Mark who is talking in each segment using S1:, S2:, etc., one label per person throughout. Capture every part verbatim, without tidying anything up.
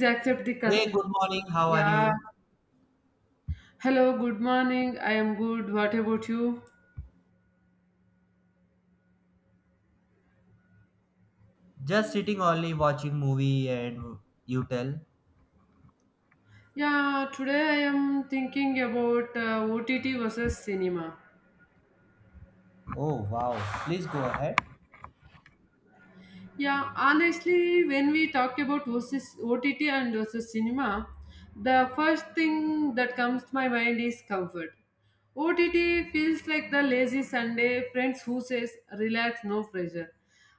S1: They accept the
S2: Hey,
S1: consent.
S2: good morning. How are
S1: Yeah.
S2: you?
S1: Hello, good morning. I am good. What about you?
S2: Just sitting only watching movie and you tell.
S1: Yeah, today I am thinking about uh, O T T versus cinema.
S2: Oh wow. Please go ahead.
S1: Yeah, honestly, when we talk about versus O T T and versus cinema, the first thing that comes to my mind is comfort. O T T feels like the lazy Sunday friends who says, relax, no pressure.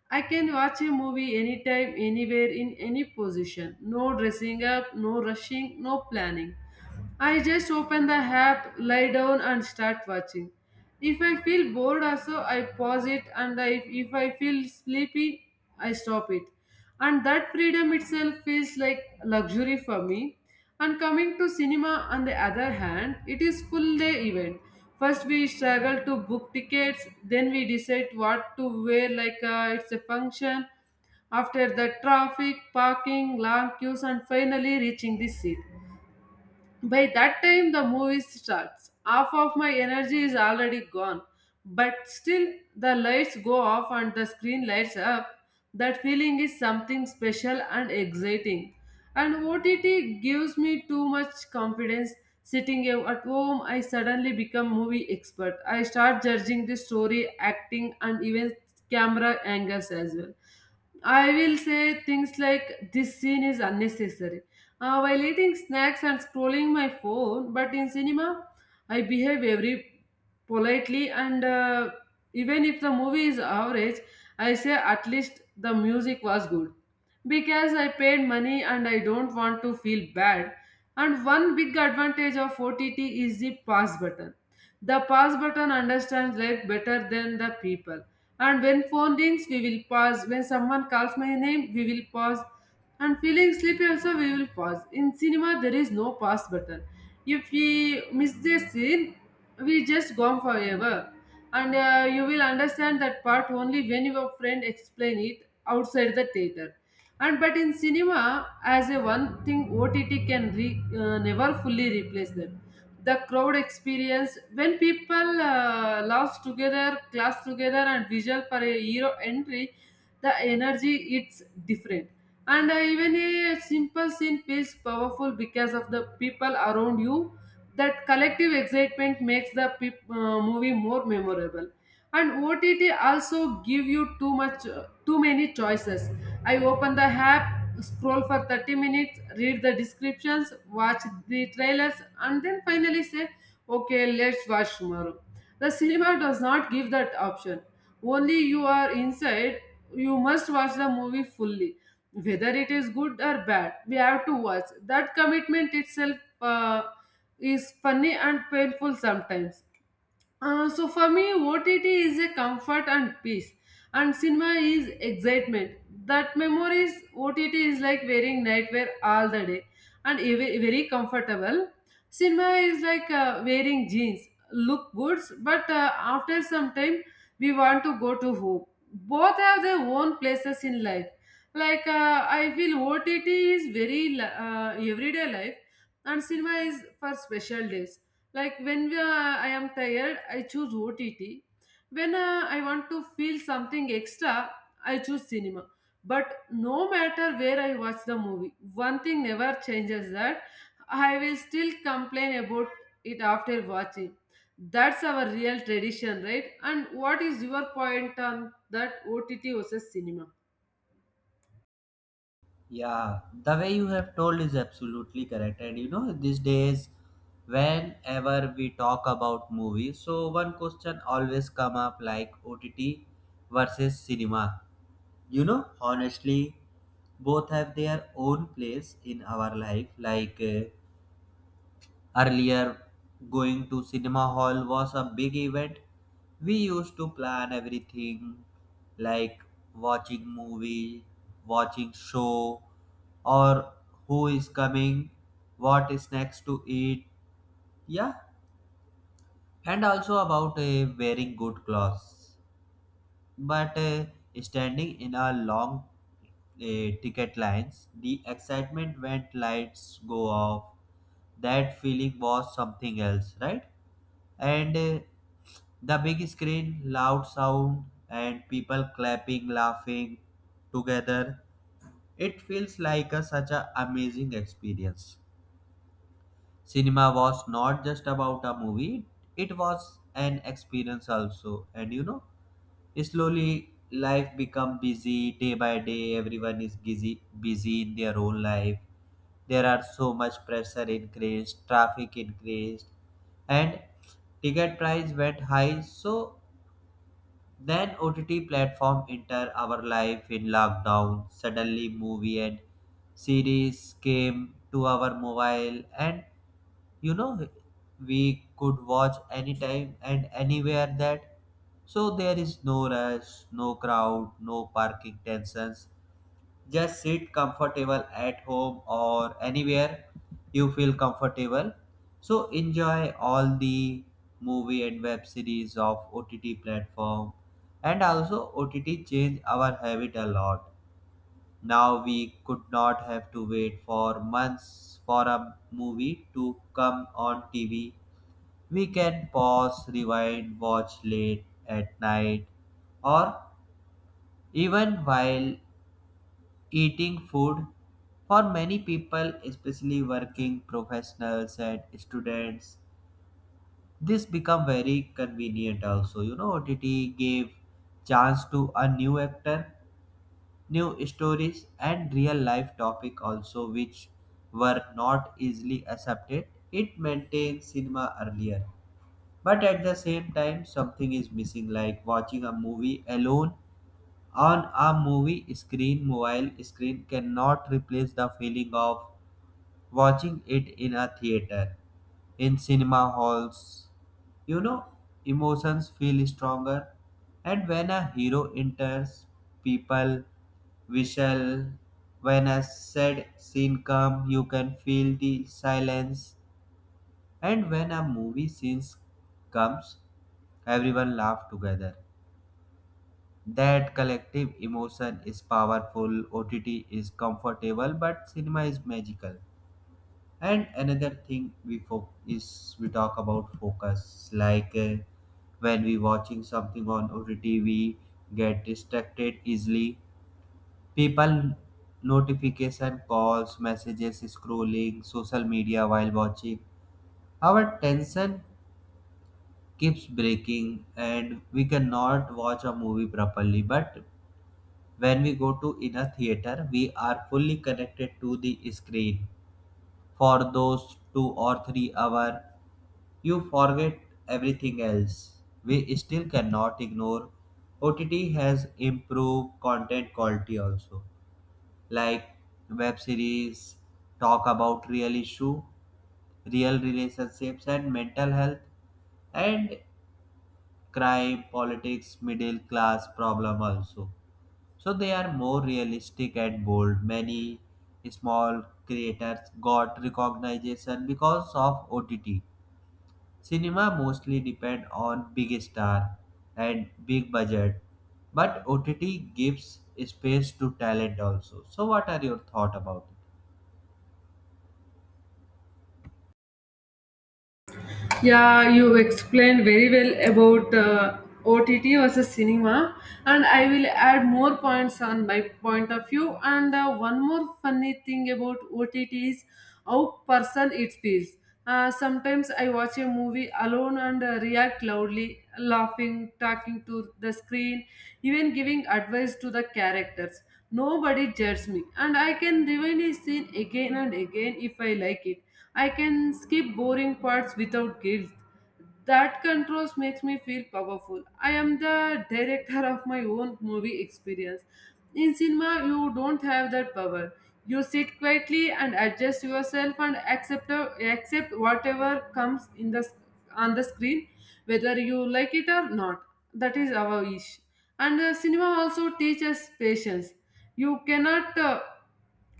S1: I can watch a movie anytime, anywhere, in any position. No dressing up, no rushing, no planning. I just open the app, lie down, and start watching. If I feel bored, also I pause it, and I, if I feel sleepy, I stop it. And that freedom itself feels like luxury for me. And coming to cinema, on the other hand, it is full day event. First, we struggle to book tickets, then we decide what to wear, like uh, it's a function. After the traffic, parking, long queues, and finally reaching the seat. By that time, the movie starts. Half of my energy is already gone, but still, the lights go off and the screen lights up. That feeling is something special and exciting. And O T T gives me too much confidence. Sitting at home, I suddenly become movie expert. I start judging the story, acting, and even camera angles as well. I will say things like this scene is unnecessary uh, while eating snacks and scrolling my phone, but in cinema, I behave very politely and uh, even if the movie is average, I say at least the music was good. Because I paid money and I don't want to feel bad. And one big advantage of O T T is the pause button. The pause button understands life better than the people. And when phone rings, we will pause. When someone calls my name, we will pause, and feeling sleepy also we will pause. In cinema there is no pause button. If we miss the scene, we just gone forever, and uh, you will understand that part only when your friend explain it outside the theater. And but in cinema, as a one thing, OTT can re, uh, never fully replace them. The crowd experience when people uh, laugh together, claps together, and visual for a hero entry, the energy, it's different. And uh, even a simple scene feels powerful because of the people around you. That collective excitement makes the peop- uh, movie more memorable. And OTT also give you too much uh, too many choices. I open the app, scroll for thirty minutes, read the descriptions, watch the trailers, and then finally say, okay, let's watch tomorrow. The cinema does not give that option. Only you are inside, you must watch the movie fully. Whether it is good or bad, we have to watch. That commitment itself uh, is funny and painful sometimes. Uh, so for me, O T T is a comfort and peace, and cinema is excitement. That memories O T T is like wearing nightwear all the day, and ev- very comfortable. Cinema is like uh, wearing jeans, look good, but uh, after some time, we want to go to home. Both have their own places in life. Like uh, I feel O T T is very li- uh, everyday life, and cinema is for special days, like when we are, I am tired, I choose OTT. When uh, I want to feel something extra, I choose cinema. But no matter where I watch the movie, one thing never changes, that I will still complain about it after watching. That's our real tradition, right? And what is your point on that OTT versus cinema?
S2: Yeah, the way you have told is absolutely correct. And you know, these days whenever we talk about movies, so one question always come up like O T T versus cinema. You know, honestly, both have their own place in our life. like uh, Earlier, going to cinema hall was a big event. We used to plan everything, like watching movie, watching show, or who is coming, what snacks to eat, yeah, and also about uh, wearing good clothes. But uh, Standing in a long uh, ticket lines, the excitement when lights go off, that feeling was something else, right? And uh, the big screen, loud sound, and people clapping, laughing together. It feels like a, such an amazing experience. Cinema was not just about a movie, it was an experience also. And you know, slowly life become busy day by day. Everyone is busy busy in their own life. There are so much pressure increased, traffic increased, and ticket price went high. So then O T T platform enter our life in lockdown. Suddenly movie and series came to our mobile. And you know, we could watch anytime and anywhere. That so there is no rush, no crowd, no parking tensions. Just sit comfortable at home or anywhere you feel comfortable. So enjoy all the movie and web series of O T T platform. And also O T T changed our habit a lot. Now we could not have to wait for months for a movie to come on T V. We can pause, rewind, watch late at night, or even while eating food. For many people, especially working professionals and students, this become very convenient. Also, you know, OTT gave chance to a new actor, new stories, and real life topic also, which were not easily accepted. It maintained cinema earlier. But at the same time, something is missing. Like, watching a movie alone on a movie screen, mobile screen cannot replace the feeling of watching it in a theater, in cinema halls. You know, emotions feel stronger, and when a hero enters, people whistle. When a sad scene comes, you can feel the silence, and when a movie scene comes, everyone laugh together. That collective emotion is powerful. O T T is comfortable, but cinema is magical. And another thing we fo- is we talk about focus. Like uh, when we watching something on O T T, we get distracted easily. People notification, calls, messages, scrolling, social media while watching. Our tension keeps breaking, and we cannot watch a movie properly. But when we go to in a theater, we are fully connected to the screen. For those two or three hours, you forget everything else. We still cannot ignore OTT has improved content quality also, like web series talk about real issue, real relationships, and mental health, and crime, politics, middle class problem also. So they are more realistic and bold. Many small creators got recognition because of O T T. Cinema mostly depend on big star and big budget, but O T T gives space to talent also. So what are your thought about it?
S1: Yeah, you explained very well about uh, O T T versus cinema, and I will add more points on my point of view. And uh, one more funny thing about O T T is how person it feels. Uh, sometimes I watch a movie alone and uh, react loudly, laughing, talking to the screen, even giving advice to the characters. Nobody judges me, and I can rewind a scene again and again if I like it. I can skip boring parts without guilt. That controls makes me feel powerful. I am the director of my own movie experience. In cinema, you don't have that power. You sit quietly and adjust yourself and accept accept whatever comes in the on the screen, whether you like it or not. That is our wish. And uh, cinema also teaches patience. You cannot. Uh,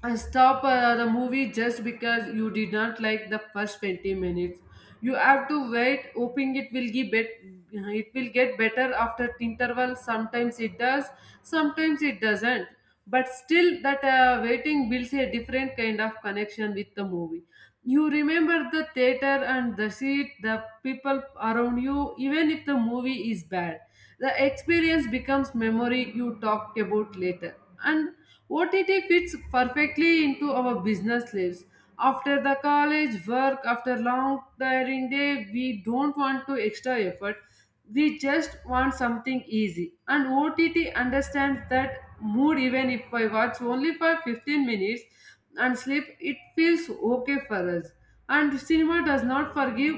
S1: and Stop uh, the movie just because you did not like the first twenty minutes. You have to wait, hoping it will give bet- uh, it will get better after interval. Sometimes it does, sometimes it doesn't, but still that uh, waiting builds a different kind of connection with the movie. You remember the theater and the seat, the people around you. Even if the movie is bad, the experience becomes memory you talk about later. And O T T fits perfectly into our business lives. After the college work, after long tiring day, we don't want to extra effort. We just want something easy. And O T T understands that mood. Even if I watch only for fifteen minutes and sleep, it feels okay for us. And cinema does not forgive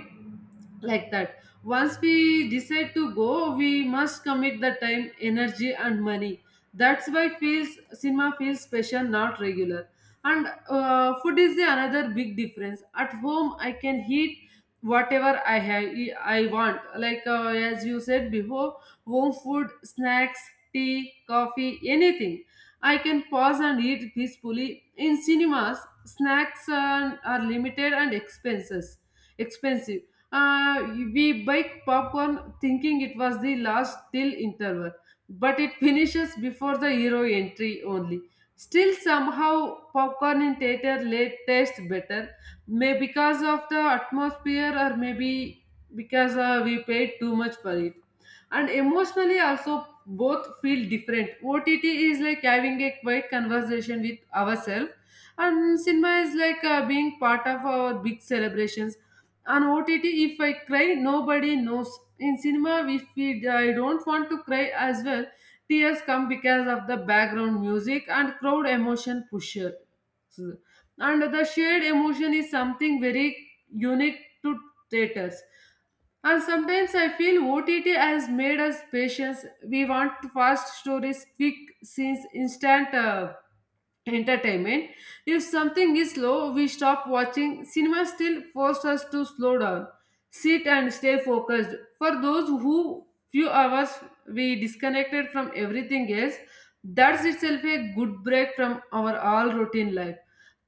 S1: like that. Once we decide to go, we must commit the time, energy, and money. That's why feels cinema feels special, not regular. And uh, food is the another big difference. At home I can eat whatever I have e, I want, like uh, as you said before, home food, snacks, tea, coffee, anything. I can pause and eat peacefully. In cinemas, snacks are, are limited and expenses expensive. Uh, we buy popcorn thinking it was the last till interval, but it finishes before the hero entry only. Still, somehow, popcorn in theater late tastes better, may because of the atmosphere, or maybe because uh, we paid too much for it. And emotionally, also, both feel different. O T T is like having a quiet conversation with ourselves, and cinema is like uh, being part of our big celebrations. On O T T, if I cry, nobody knows. In cinema, if we, I don't want to cry as well, tears come because of the background music and crowd emotion pusher. And the shared emotion is something very unique to theaters. And sometimes I feel O T T has made us patients. We want fast stories, quick scenes, instant uh, entertainment. If something is slow, we stop watching. Cinema still forces us to slow down, sit and stay focused. For those who few hours we disconnected from everything else, that's itself a good break from our all routine life.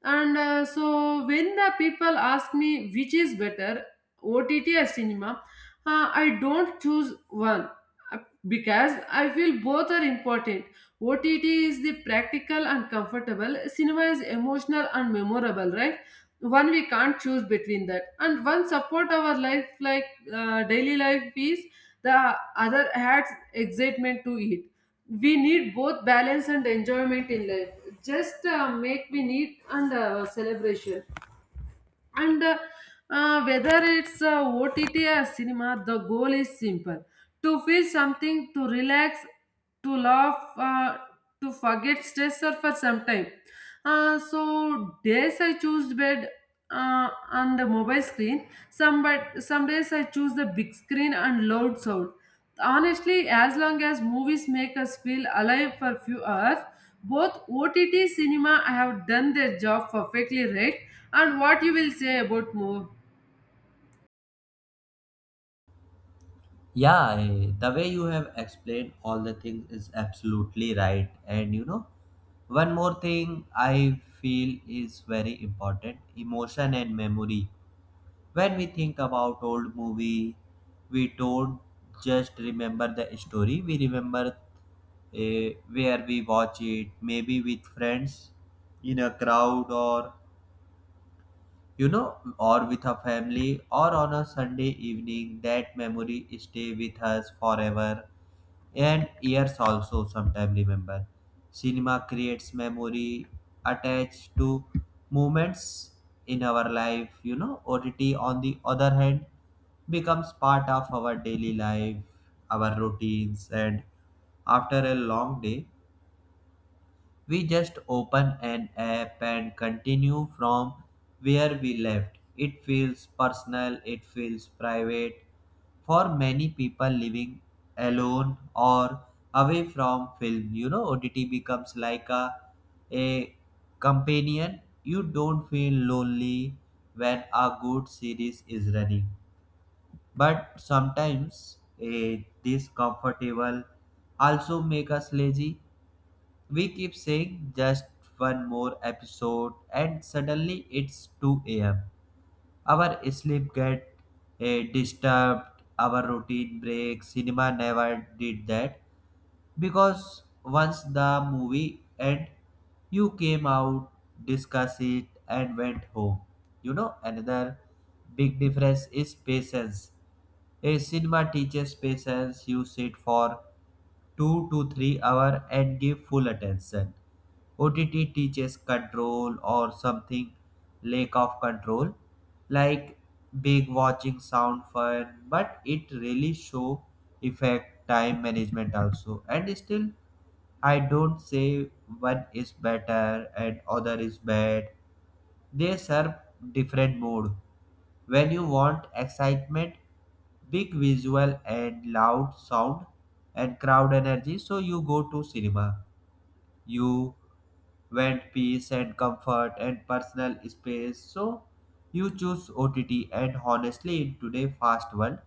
S1: And uh, so when the people ask me which is better, O T T or cinema, uh, I don't choose one uh, because I feel both are important. O T T is the practical and comfortable, cinema is emotional and memorable, right? One we can't choose between that, and one support our life, like uh, daily life is the other, adds excitement to it. We need both balance and enjoyment in life. Just uh, make we need and uh, celebration and uh, uh, whether it's uh, OTT or cinema, the goal is simple, to feel something, to relax, to laugh, uh, to forget stress or for some time. Uh, so days I choose bed uh, on the mobile screen some, but some days I choose the big screen and loud sound. Honestly, as long as movies make us feel alive for few hours, both O T T cinema have done their job perfectly, right? And what you will say about more?
S2: Yeah, eh, the way you have explained all the things is absolutely right. And you know, one more thing I feel is very important, emotion and memory. When we think about old movie, we don't just remember the story, we remember uh, where we watch it, maybe with friends in a crowd, or you know, or with a family, or on a Sunday evening. That memory stay with us forever and years also sometimes remember. Cinema creates memory attached to moments in our life. You know, O T T on the other hand becomes part of our daily life, our routines, and after a long day, we just open an app and continue from where we left. It feels personal, it feels private. For many people living alone or away from film, you know, O T T becomes like a, a companion. You don't feel lonely when a good series is running. But sometimes eh, this comfortable also make us lazy. We keep saying just one more episode, and suddenly it's two a m. Our sleep get eh, disturbed, our routine breaks. Cinema never did that, because once the movie end, you came out, discussed it, and went home. You know, another big difference is patience. A cinema teaches patience. You sit for two to three hours and give full attention. O T T teaches control, or something, lack of control. Like, big watching sound fun, but it really show effect time management also. And still, I don't say one is better and other is bad. They serve different mood. When you want excitement, big visual and loud sound and crowd energy, so you go to cinema. You want peace and comfort and personal space, so you choose O T T. And honestly, in today's fast world,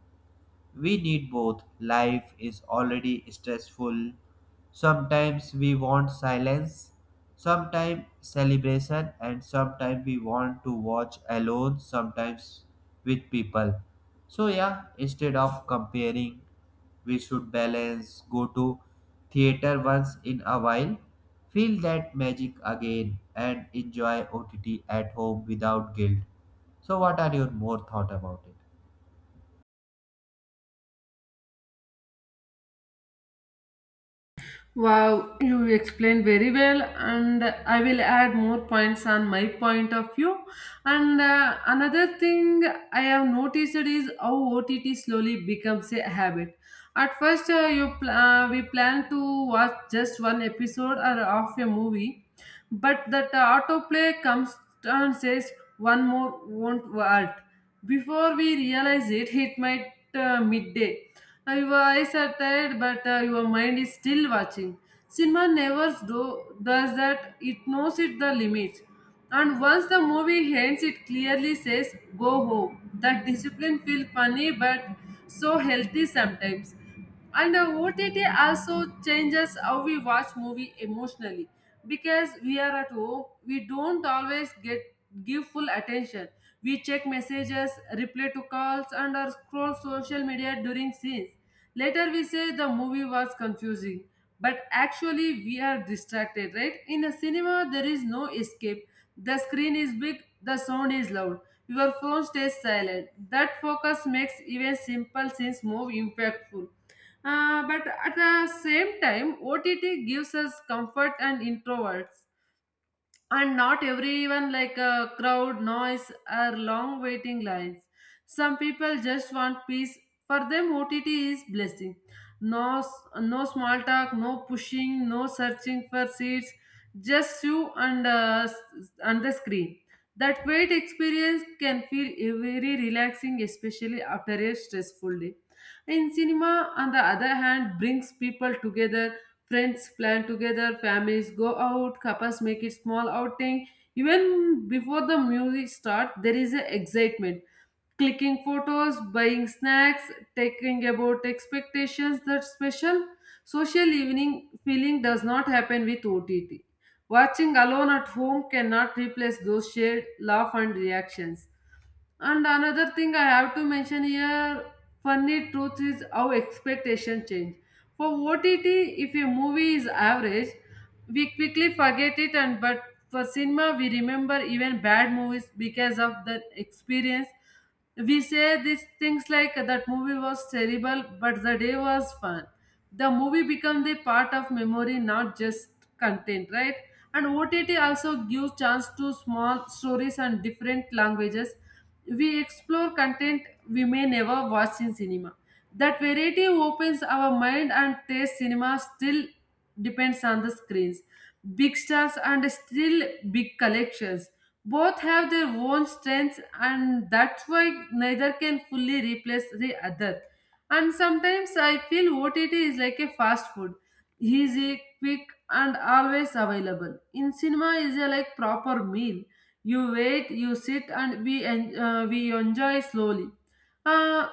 S2: we need both. Life is already stressful. Sometimes we want silence, sometimes celebration, and sometimes we want to watch alone, sometimes with people. So, yeah, instead of comparing, we should balance, go to theater once in a while, feel that magic again, and enjoy O T T at home without guilt. So, what are your more thought about it?
S1: Wow, you explained very well, and I will add more points on my point of view. And uh, another thing I have noticed is how OTT slowly becomes a habit. At first uh, you pl- uh, we plan to watch just one episode or of a movie. But that autoplay comes and says one more won't work. Before we realize it, it might uh, midday. Now your eyes are tired, but uh, your mind is still watching. Cinema never do, does that. It knows it the limits. And once the movie ends, it clearly says, go home. That discipline feels funny, but so healthy sometimes. And the O T T also changes how we watch movie emotionally. Because we are at home, we don't always get give full attention. We check messages, reply to calls and or scroll social media during scenes. Later we say the movie was confusing, but actually we are distracted. Right, in a cinema there is no escape. The screen is big, the sound is loud, your phone stays silent. That focus makes even simple scenes more impactful. Uh, but at the same time, O T T gives us comfort and introverts, and not everyone like a crowd noise or long waiting lines. Some people just want peace. For them, OTT is blessing. No s- no small talk, no pushing, no searching for seats. Just you and uh, s- and the screen. That wait experience can feel very relaxing, especially after a stressful day. In cinema, on the other hand, brings people together. Friends plan together, families go out, couples make it small outing. Even before the music starts, there is a excitement. Clicking photos, buying snacks, taking about expectations, that special social evening feeling does not happen with O T T. Watching alone at home cannot replace those shared laugh and reactions. And another thing I have to mention here, funny truth is how expectation change. For O T T, if a movie is average, we quickly forget it, and but for cinema, we remember even bad movies because of the experience. We say these things like that movie was terrible, but the day was fun. The movie become the part of memory, not just content, right? And OTT also gives chance to small stories and different languages. We explore content we may never watch in cinema. That variety opens our mind and taste. Cinema still depends on the screens, big stars, and still big collections. Both have their own strengths, and that's why neither can fully replace the other. And sometimes I feel O T T is like a fast food. Easy, quick, and always available. In cinema is a like proper meal. You wait, you sit, and we en- uh, we enjoy slowly. Uh,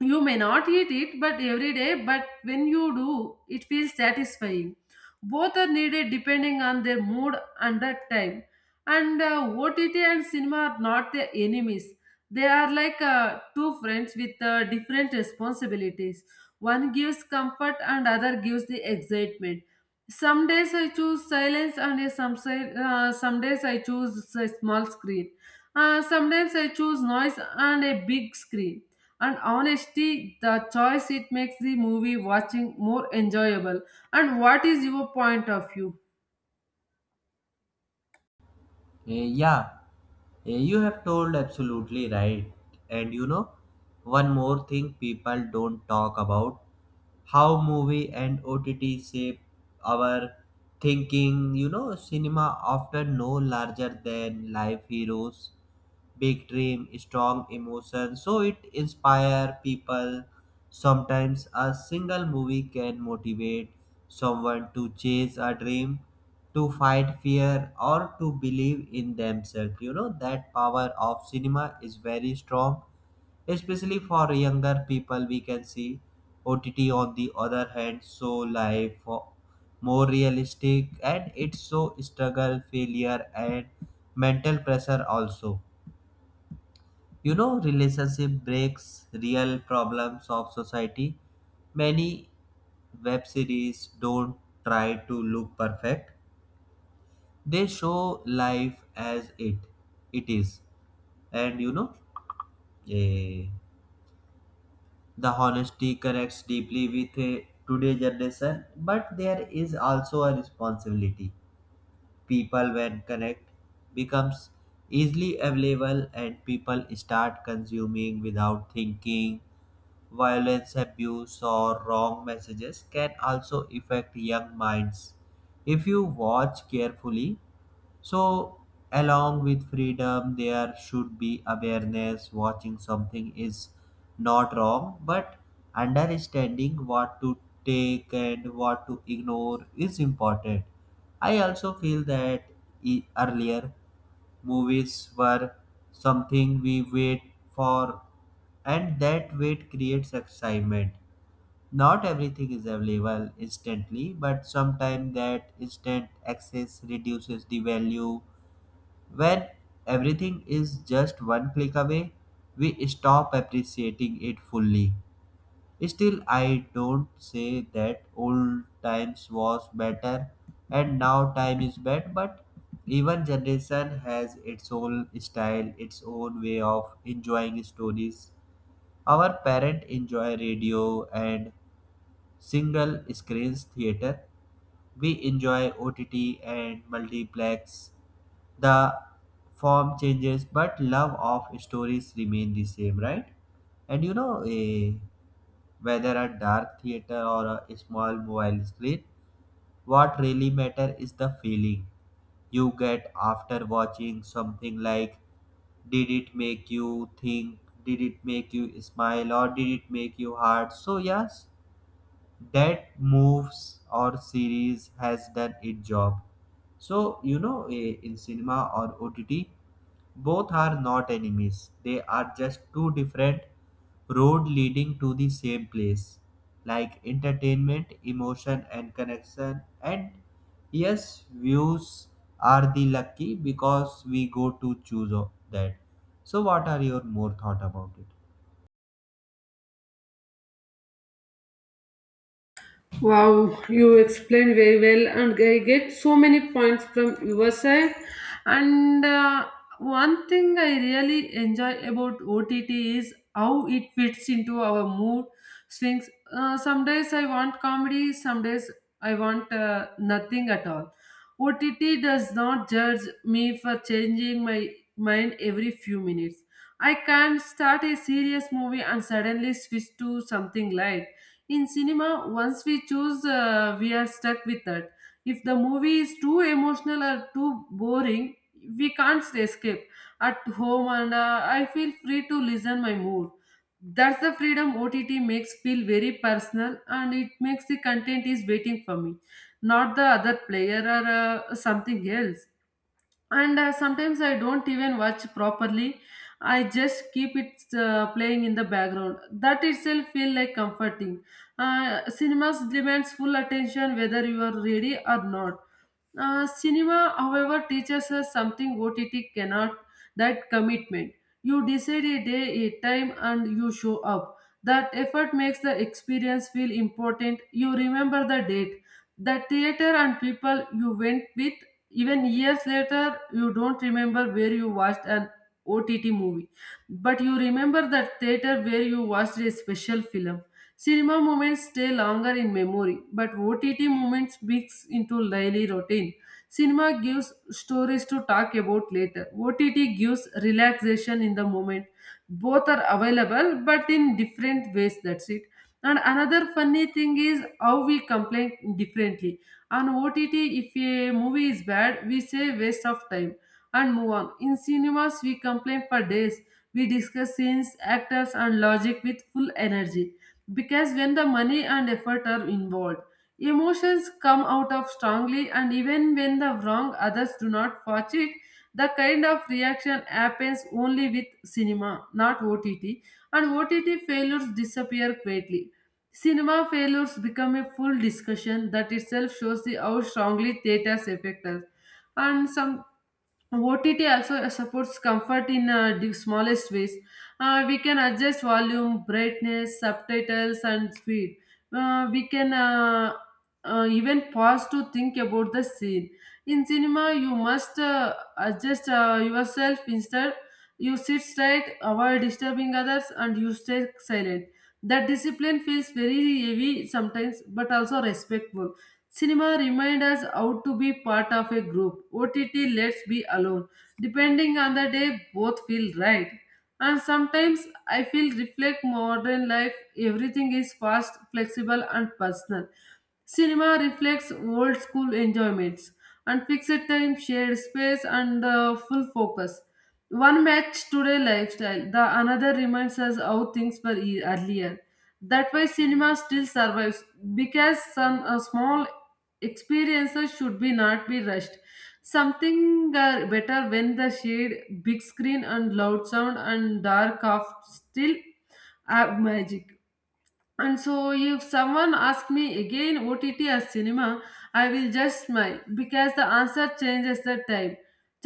S1: you may not eat it, but every day. But when you do, it feels satisfying. Both are needed depending on their mood and the time. And uh, O T T and cinema are not the enemies. They are like uh, two friends with uh, different responsibilities. One gives comfort and other gives the excitement. Some days I choose silence and uh, some si- uh, some days I choose a small screen. Uh, sometimes I choose noise and a big screen. And honestly, the choice it makes the movie watching more enjoyable. And what is your point of view?
S2: Eh, yeah, eh, you have told absolutely right. And you know, one more thing people don't talk about, how movie and O T T shape our thinking. You know, cinema often no larger than life heroes, big dream, strong emotion. So it inspire people. Sometimes a single movie can motivate someone to chase a dream, to fight fear, or to believe in themselves. You know, that power of cinema is very strong, especially for younger people, we can see. OTT on the other hand, so life for- more realistic, and it's so struggle, failure, and mental pressure also. You know, relationship breaks, real problems of society. Many web series don't try to look perfect. They show life as it it is. And you know, eh, the honesty connects deeply with eh, today's generation. But there is also a responsibility. People when correct becomes easily available and people start consuming without thinking, violence, abuse, or wrong messages can also affect young minds if you watch carefully. So, along with freedom, there should be awareness. Watching something is not wrong, but understanding what to take and what to ignore is important. I also feel that e- earlier movies were something we wait for, and that wait creates excitement. Not everything is available instantly, but sometimes that instant access reduces the value. When everything is just one click away, we stop appreciating it fully. Still, I don't say that old times was better and now time is bad, but even generation has its own style, its own way of enjoying stories. Our parent enjoy radio and single screens theater. We enjoy O T T and multiplex. The form changes, but love of stories remain the same, right? And you know, a, whether a dark theater or a small mobile screen, what really matter is the feeling you get after watching something. Like, did it make you think, did it make you smile, or did it make you hard? So yes, that moves or series has done its job. So you know, eh, in cinema or OTT, both are not enemies, they are just two different road leading to the same place, like entertainment, emotion, and connection. And yes, views are the lucky because we go to choose o- that. So what are your more thought about it?
S1: Wow, you explained very well, and I get so many points from your side. And uh, one thing I really enjoy about O T T is how it fits into our mood swings. Uh, some days I want comedy, some days I want uh, nothing at all. O T T does not judge me for changing my mind every few minutes. I can start a serious movie and suddenly switch to something light. In cinema, once we choose, uh, we are stuck with that. If the movie is too emotional or too boring, we can't escape. At home, and uh, I feel free to listen my mood. That's the freedom O T T makes feel very personal, and it makes the content is waiting for me, not the other player or uh, something else. And uh, sometimes I don't even watch properly. I just keep it uh, playing in the background. That itself feel like comforting. Uh, cinemas demands full attention whether you are ready or not. Uh, cinema, however, teaches us something O T T cannot. That commitment. You decide a day, a time, and you show up. That effort makes the experience feel important. You remember the date, the theater, and people you went with. Even years later, you don't remember where you watched an O T T movie, but you remember the theater where you watched a special film. Cinema moments stay longer in memory, but O T T moments mix into daily routine. Cinema gives stories to talk about later. O T T gives relaxation in the moment. Both are available, but in different ways. That's it. And another funny thing is how we complain differently. On O T T, if a movie is bad, we say waste of time and move on. In cinemas, we complain for days. We discuss scenes, actors, and logic with full energy because when the money and effort are involved, emotions come out of strongly, and even when the wrong others do not watch it, the kind of reaction happens only with cinema, not O T T, and O T T failures disappear quickly. Cinema failures become a full discussion. That itself shows the how strongly theaters affect us. And some O T T also supports comfort in uh, the smallest ways. Uh, we can adjust volume, brightness, subtitles, and speed. Uh, we can uh, uh, Even pause to think about the scene. In cinema, you must uh, adjust uh, yourself instead. You sit straight, avoid disturbing others, and you stay silent. That discipline feels very heavy sometimes, but also respectful. Cinema reminds us how to be part of a group. O T T lets be alone. Depending on the day, both feel right. And sometimes I feel reflect modern life. Everything is fast, flexible, and personal. Cinema reflects old school enjoyments and fixed time, shared space, and uh, full focus. One match today lifestyle, the another reminds us how things were e- earlier. That why cinema still survives because some uh, small experiences should be not be rushed. Something uh, better when the shade, big screen, and loud sound and dark off still have magic. And so, if someone asks me again O T T or cinema, I will just smile because the answer changes the time,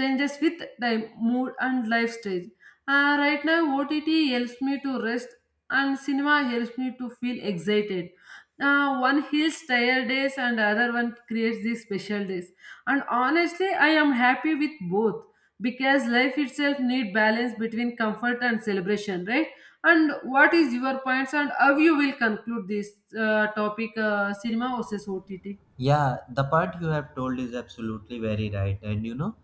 S1: changes with time, mood, and life stage. Uh, right now, O T T helps me to rest, and cinema helps me to feel excited. Uh, one heals tired days, and other one creates these special days. And honestly, I am happy with both because life itself need balance between comfort and celebration, right? And what is your points and how you will conclude this uh, topic, uh, cinema versus O T T?
S2: Yeah, the part you have told is absolutely very right. And you know,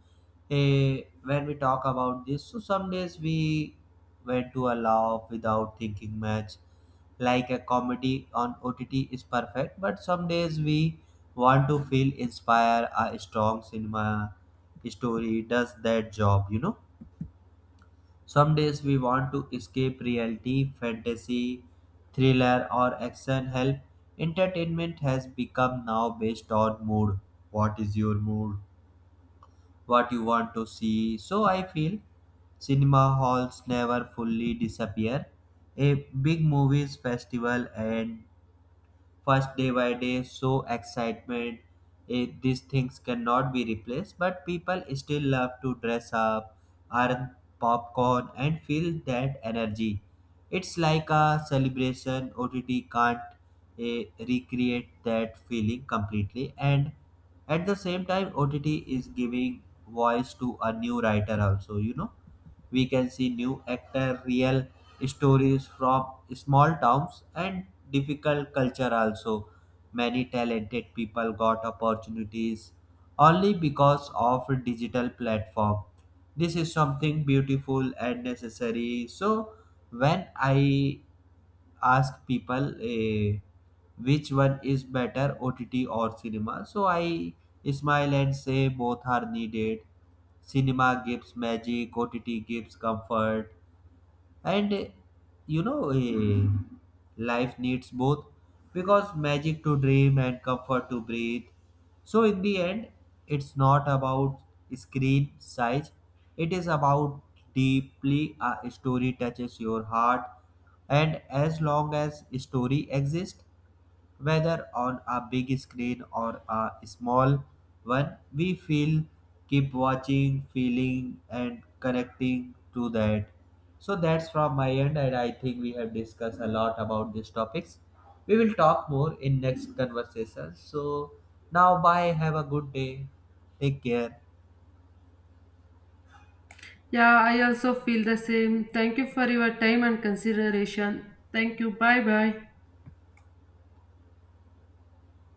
S2: eh, when we talk about this, so some days we went to a laugh without thinking much. Like a comedy on O T T is perfect, but some days we want to feel inspired. A strong cinema story does that job, you know. Some days we want to escape reality, fantasy, thriller, or action help. Entertainment has become now based on mood. What is your mood? What you want to see? So I feel cinema halls never fully disappear. A big movies festival and first day by day, so excitement, eh, these things cannot be replaced. But people still love to dress up, earn popcorn, and feel that energy. It's like a celebration. OTT can't eh, recreate that feeling completely. And at the same time, OTT is giving voice to a new writer also. You know, we can see new actor, real stories from small towns and difficult culture also. Many talented people got opportunities only because of digital platform. This is something beautiful and necessary. So when I ask people eh, which one is better, OTT or cinema, so I smile and say both are needed. Cinema gives magic, OTT gives comfort. And eh, you know eh, life needs both, because magic to dream and comfort to breathe. So in the end, it's not about screen size, it is about deeply a story touches your heart. And as long as story exists, whether on a big screen or a small one, we feel keep watching, feeling, and connecting to that. So that's from my end, and I think we have discussed a lot about these topics. We will talk more in next conversation. So now, bye. Have a good day. Take care.
S1: Yeah, I also feel the same. Thank you for your time and consideration. Thank you. Bye bye.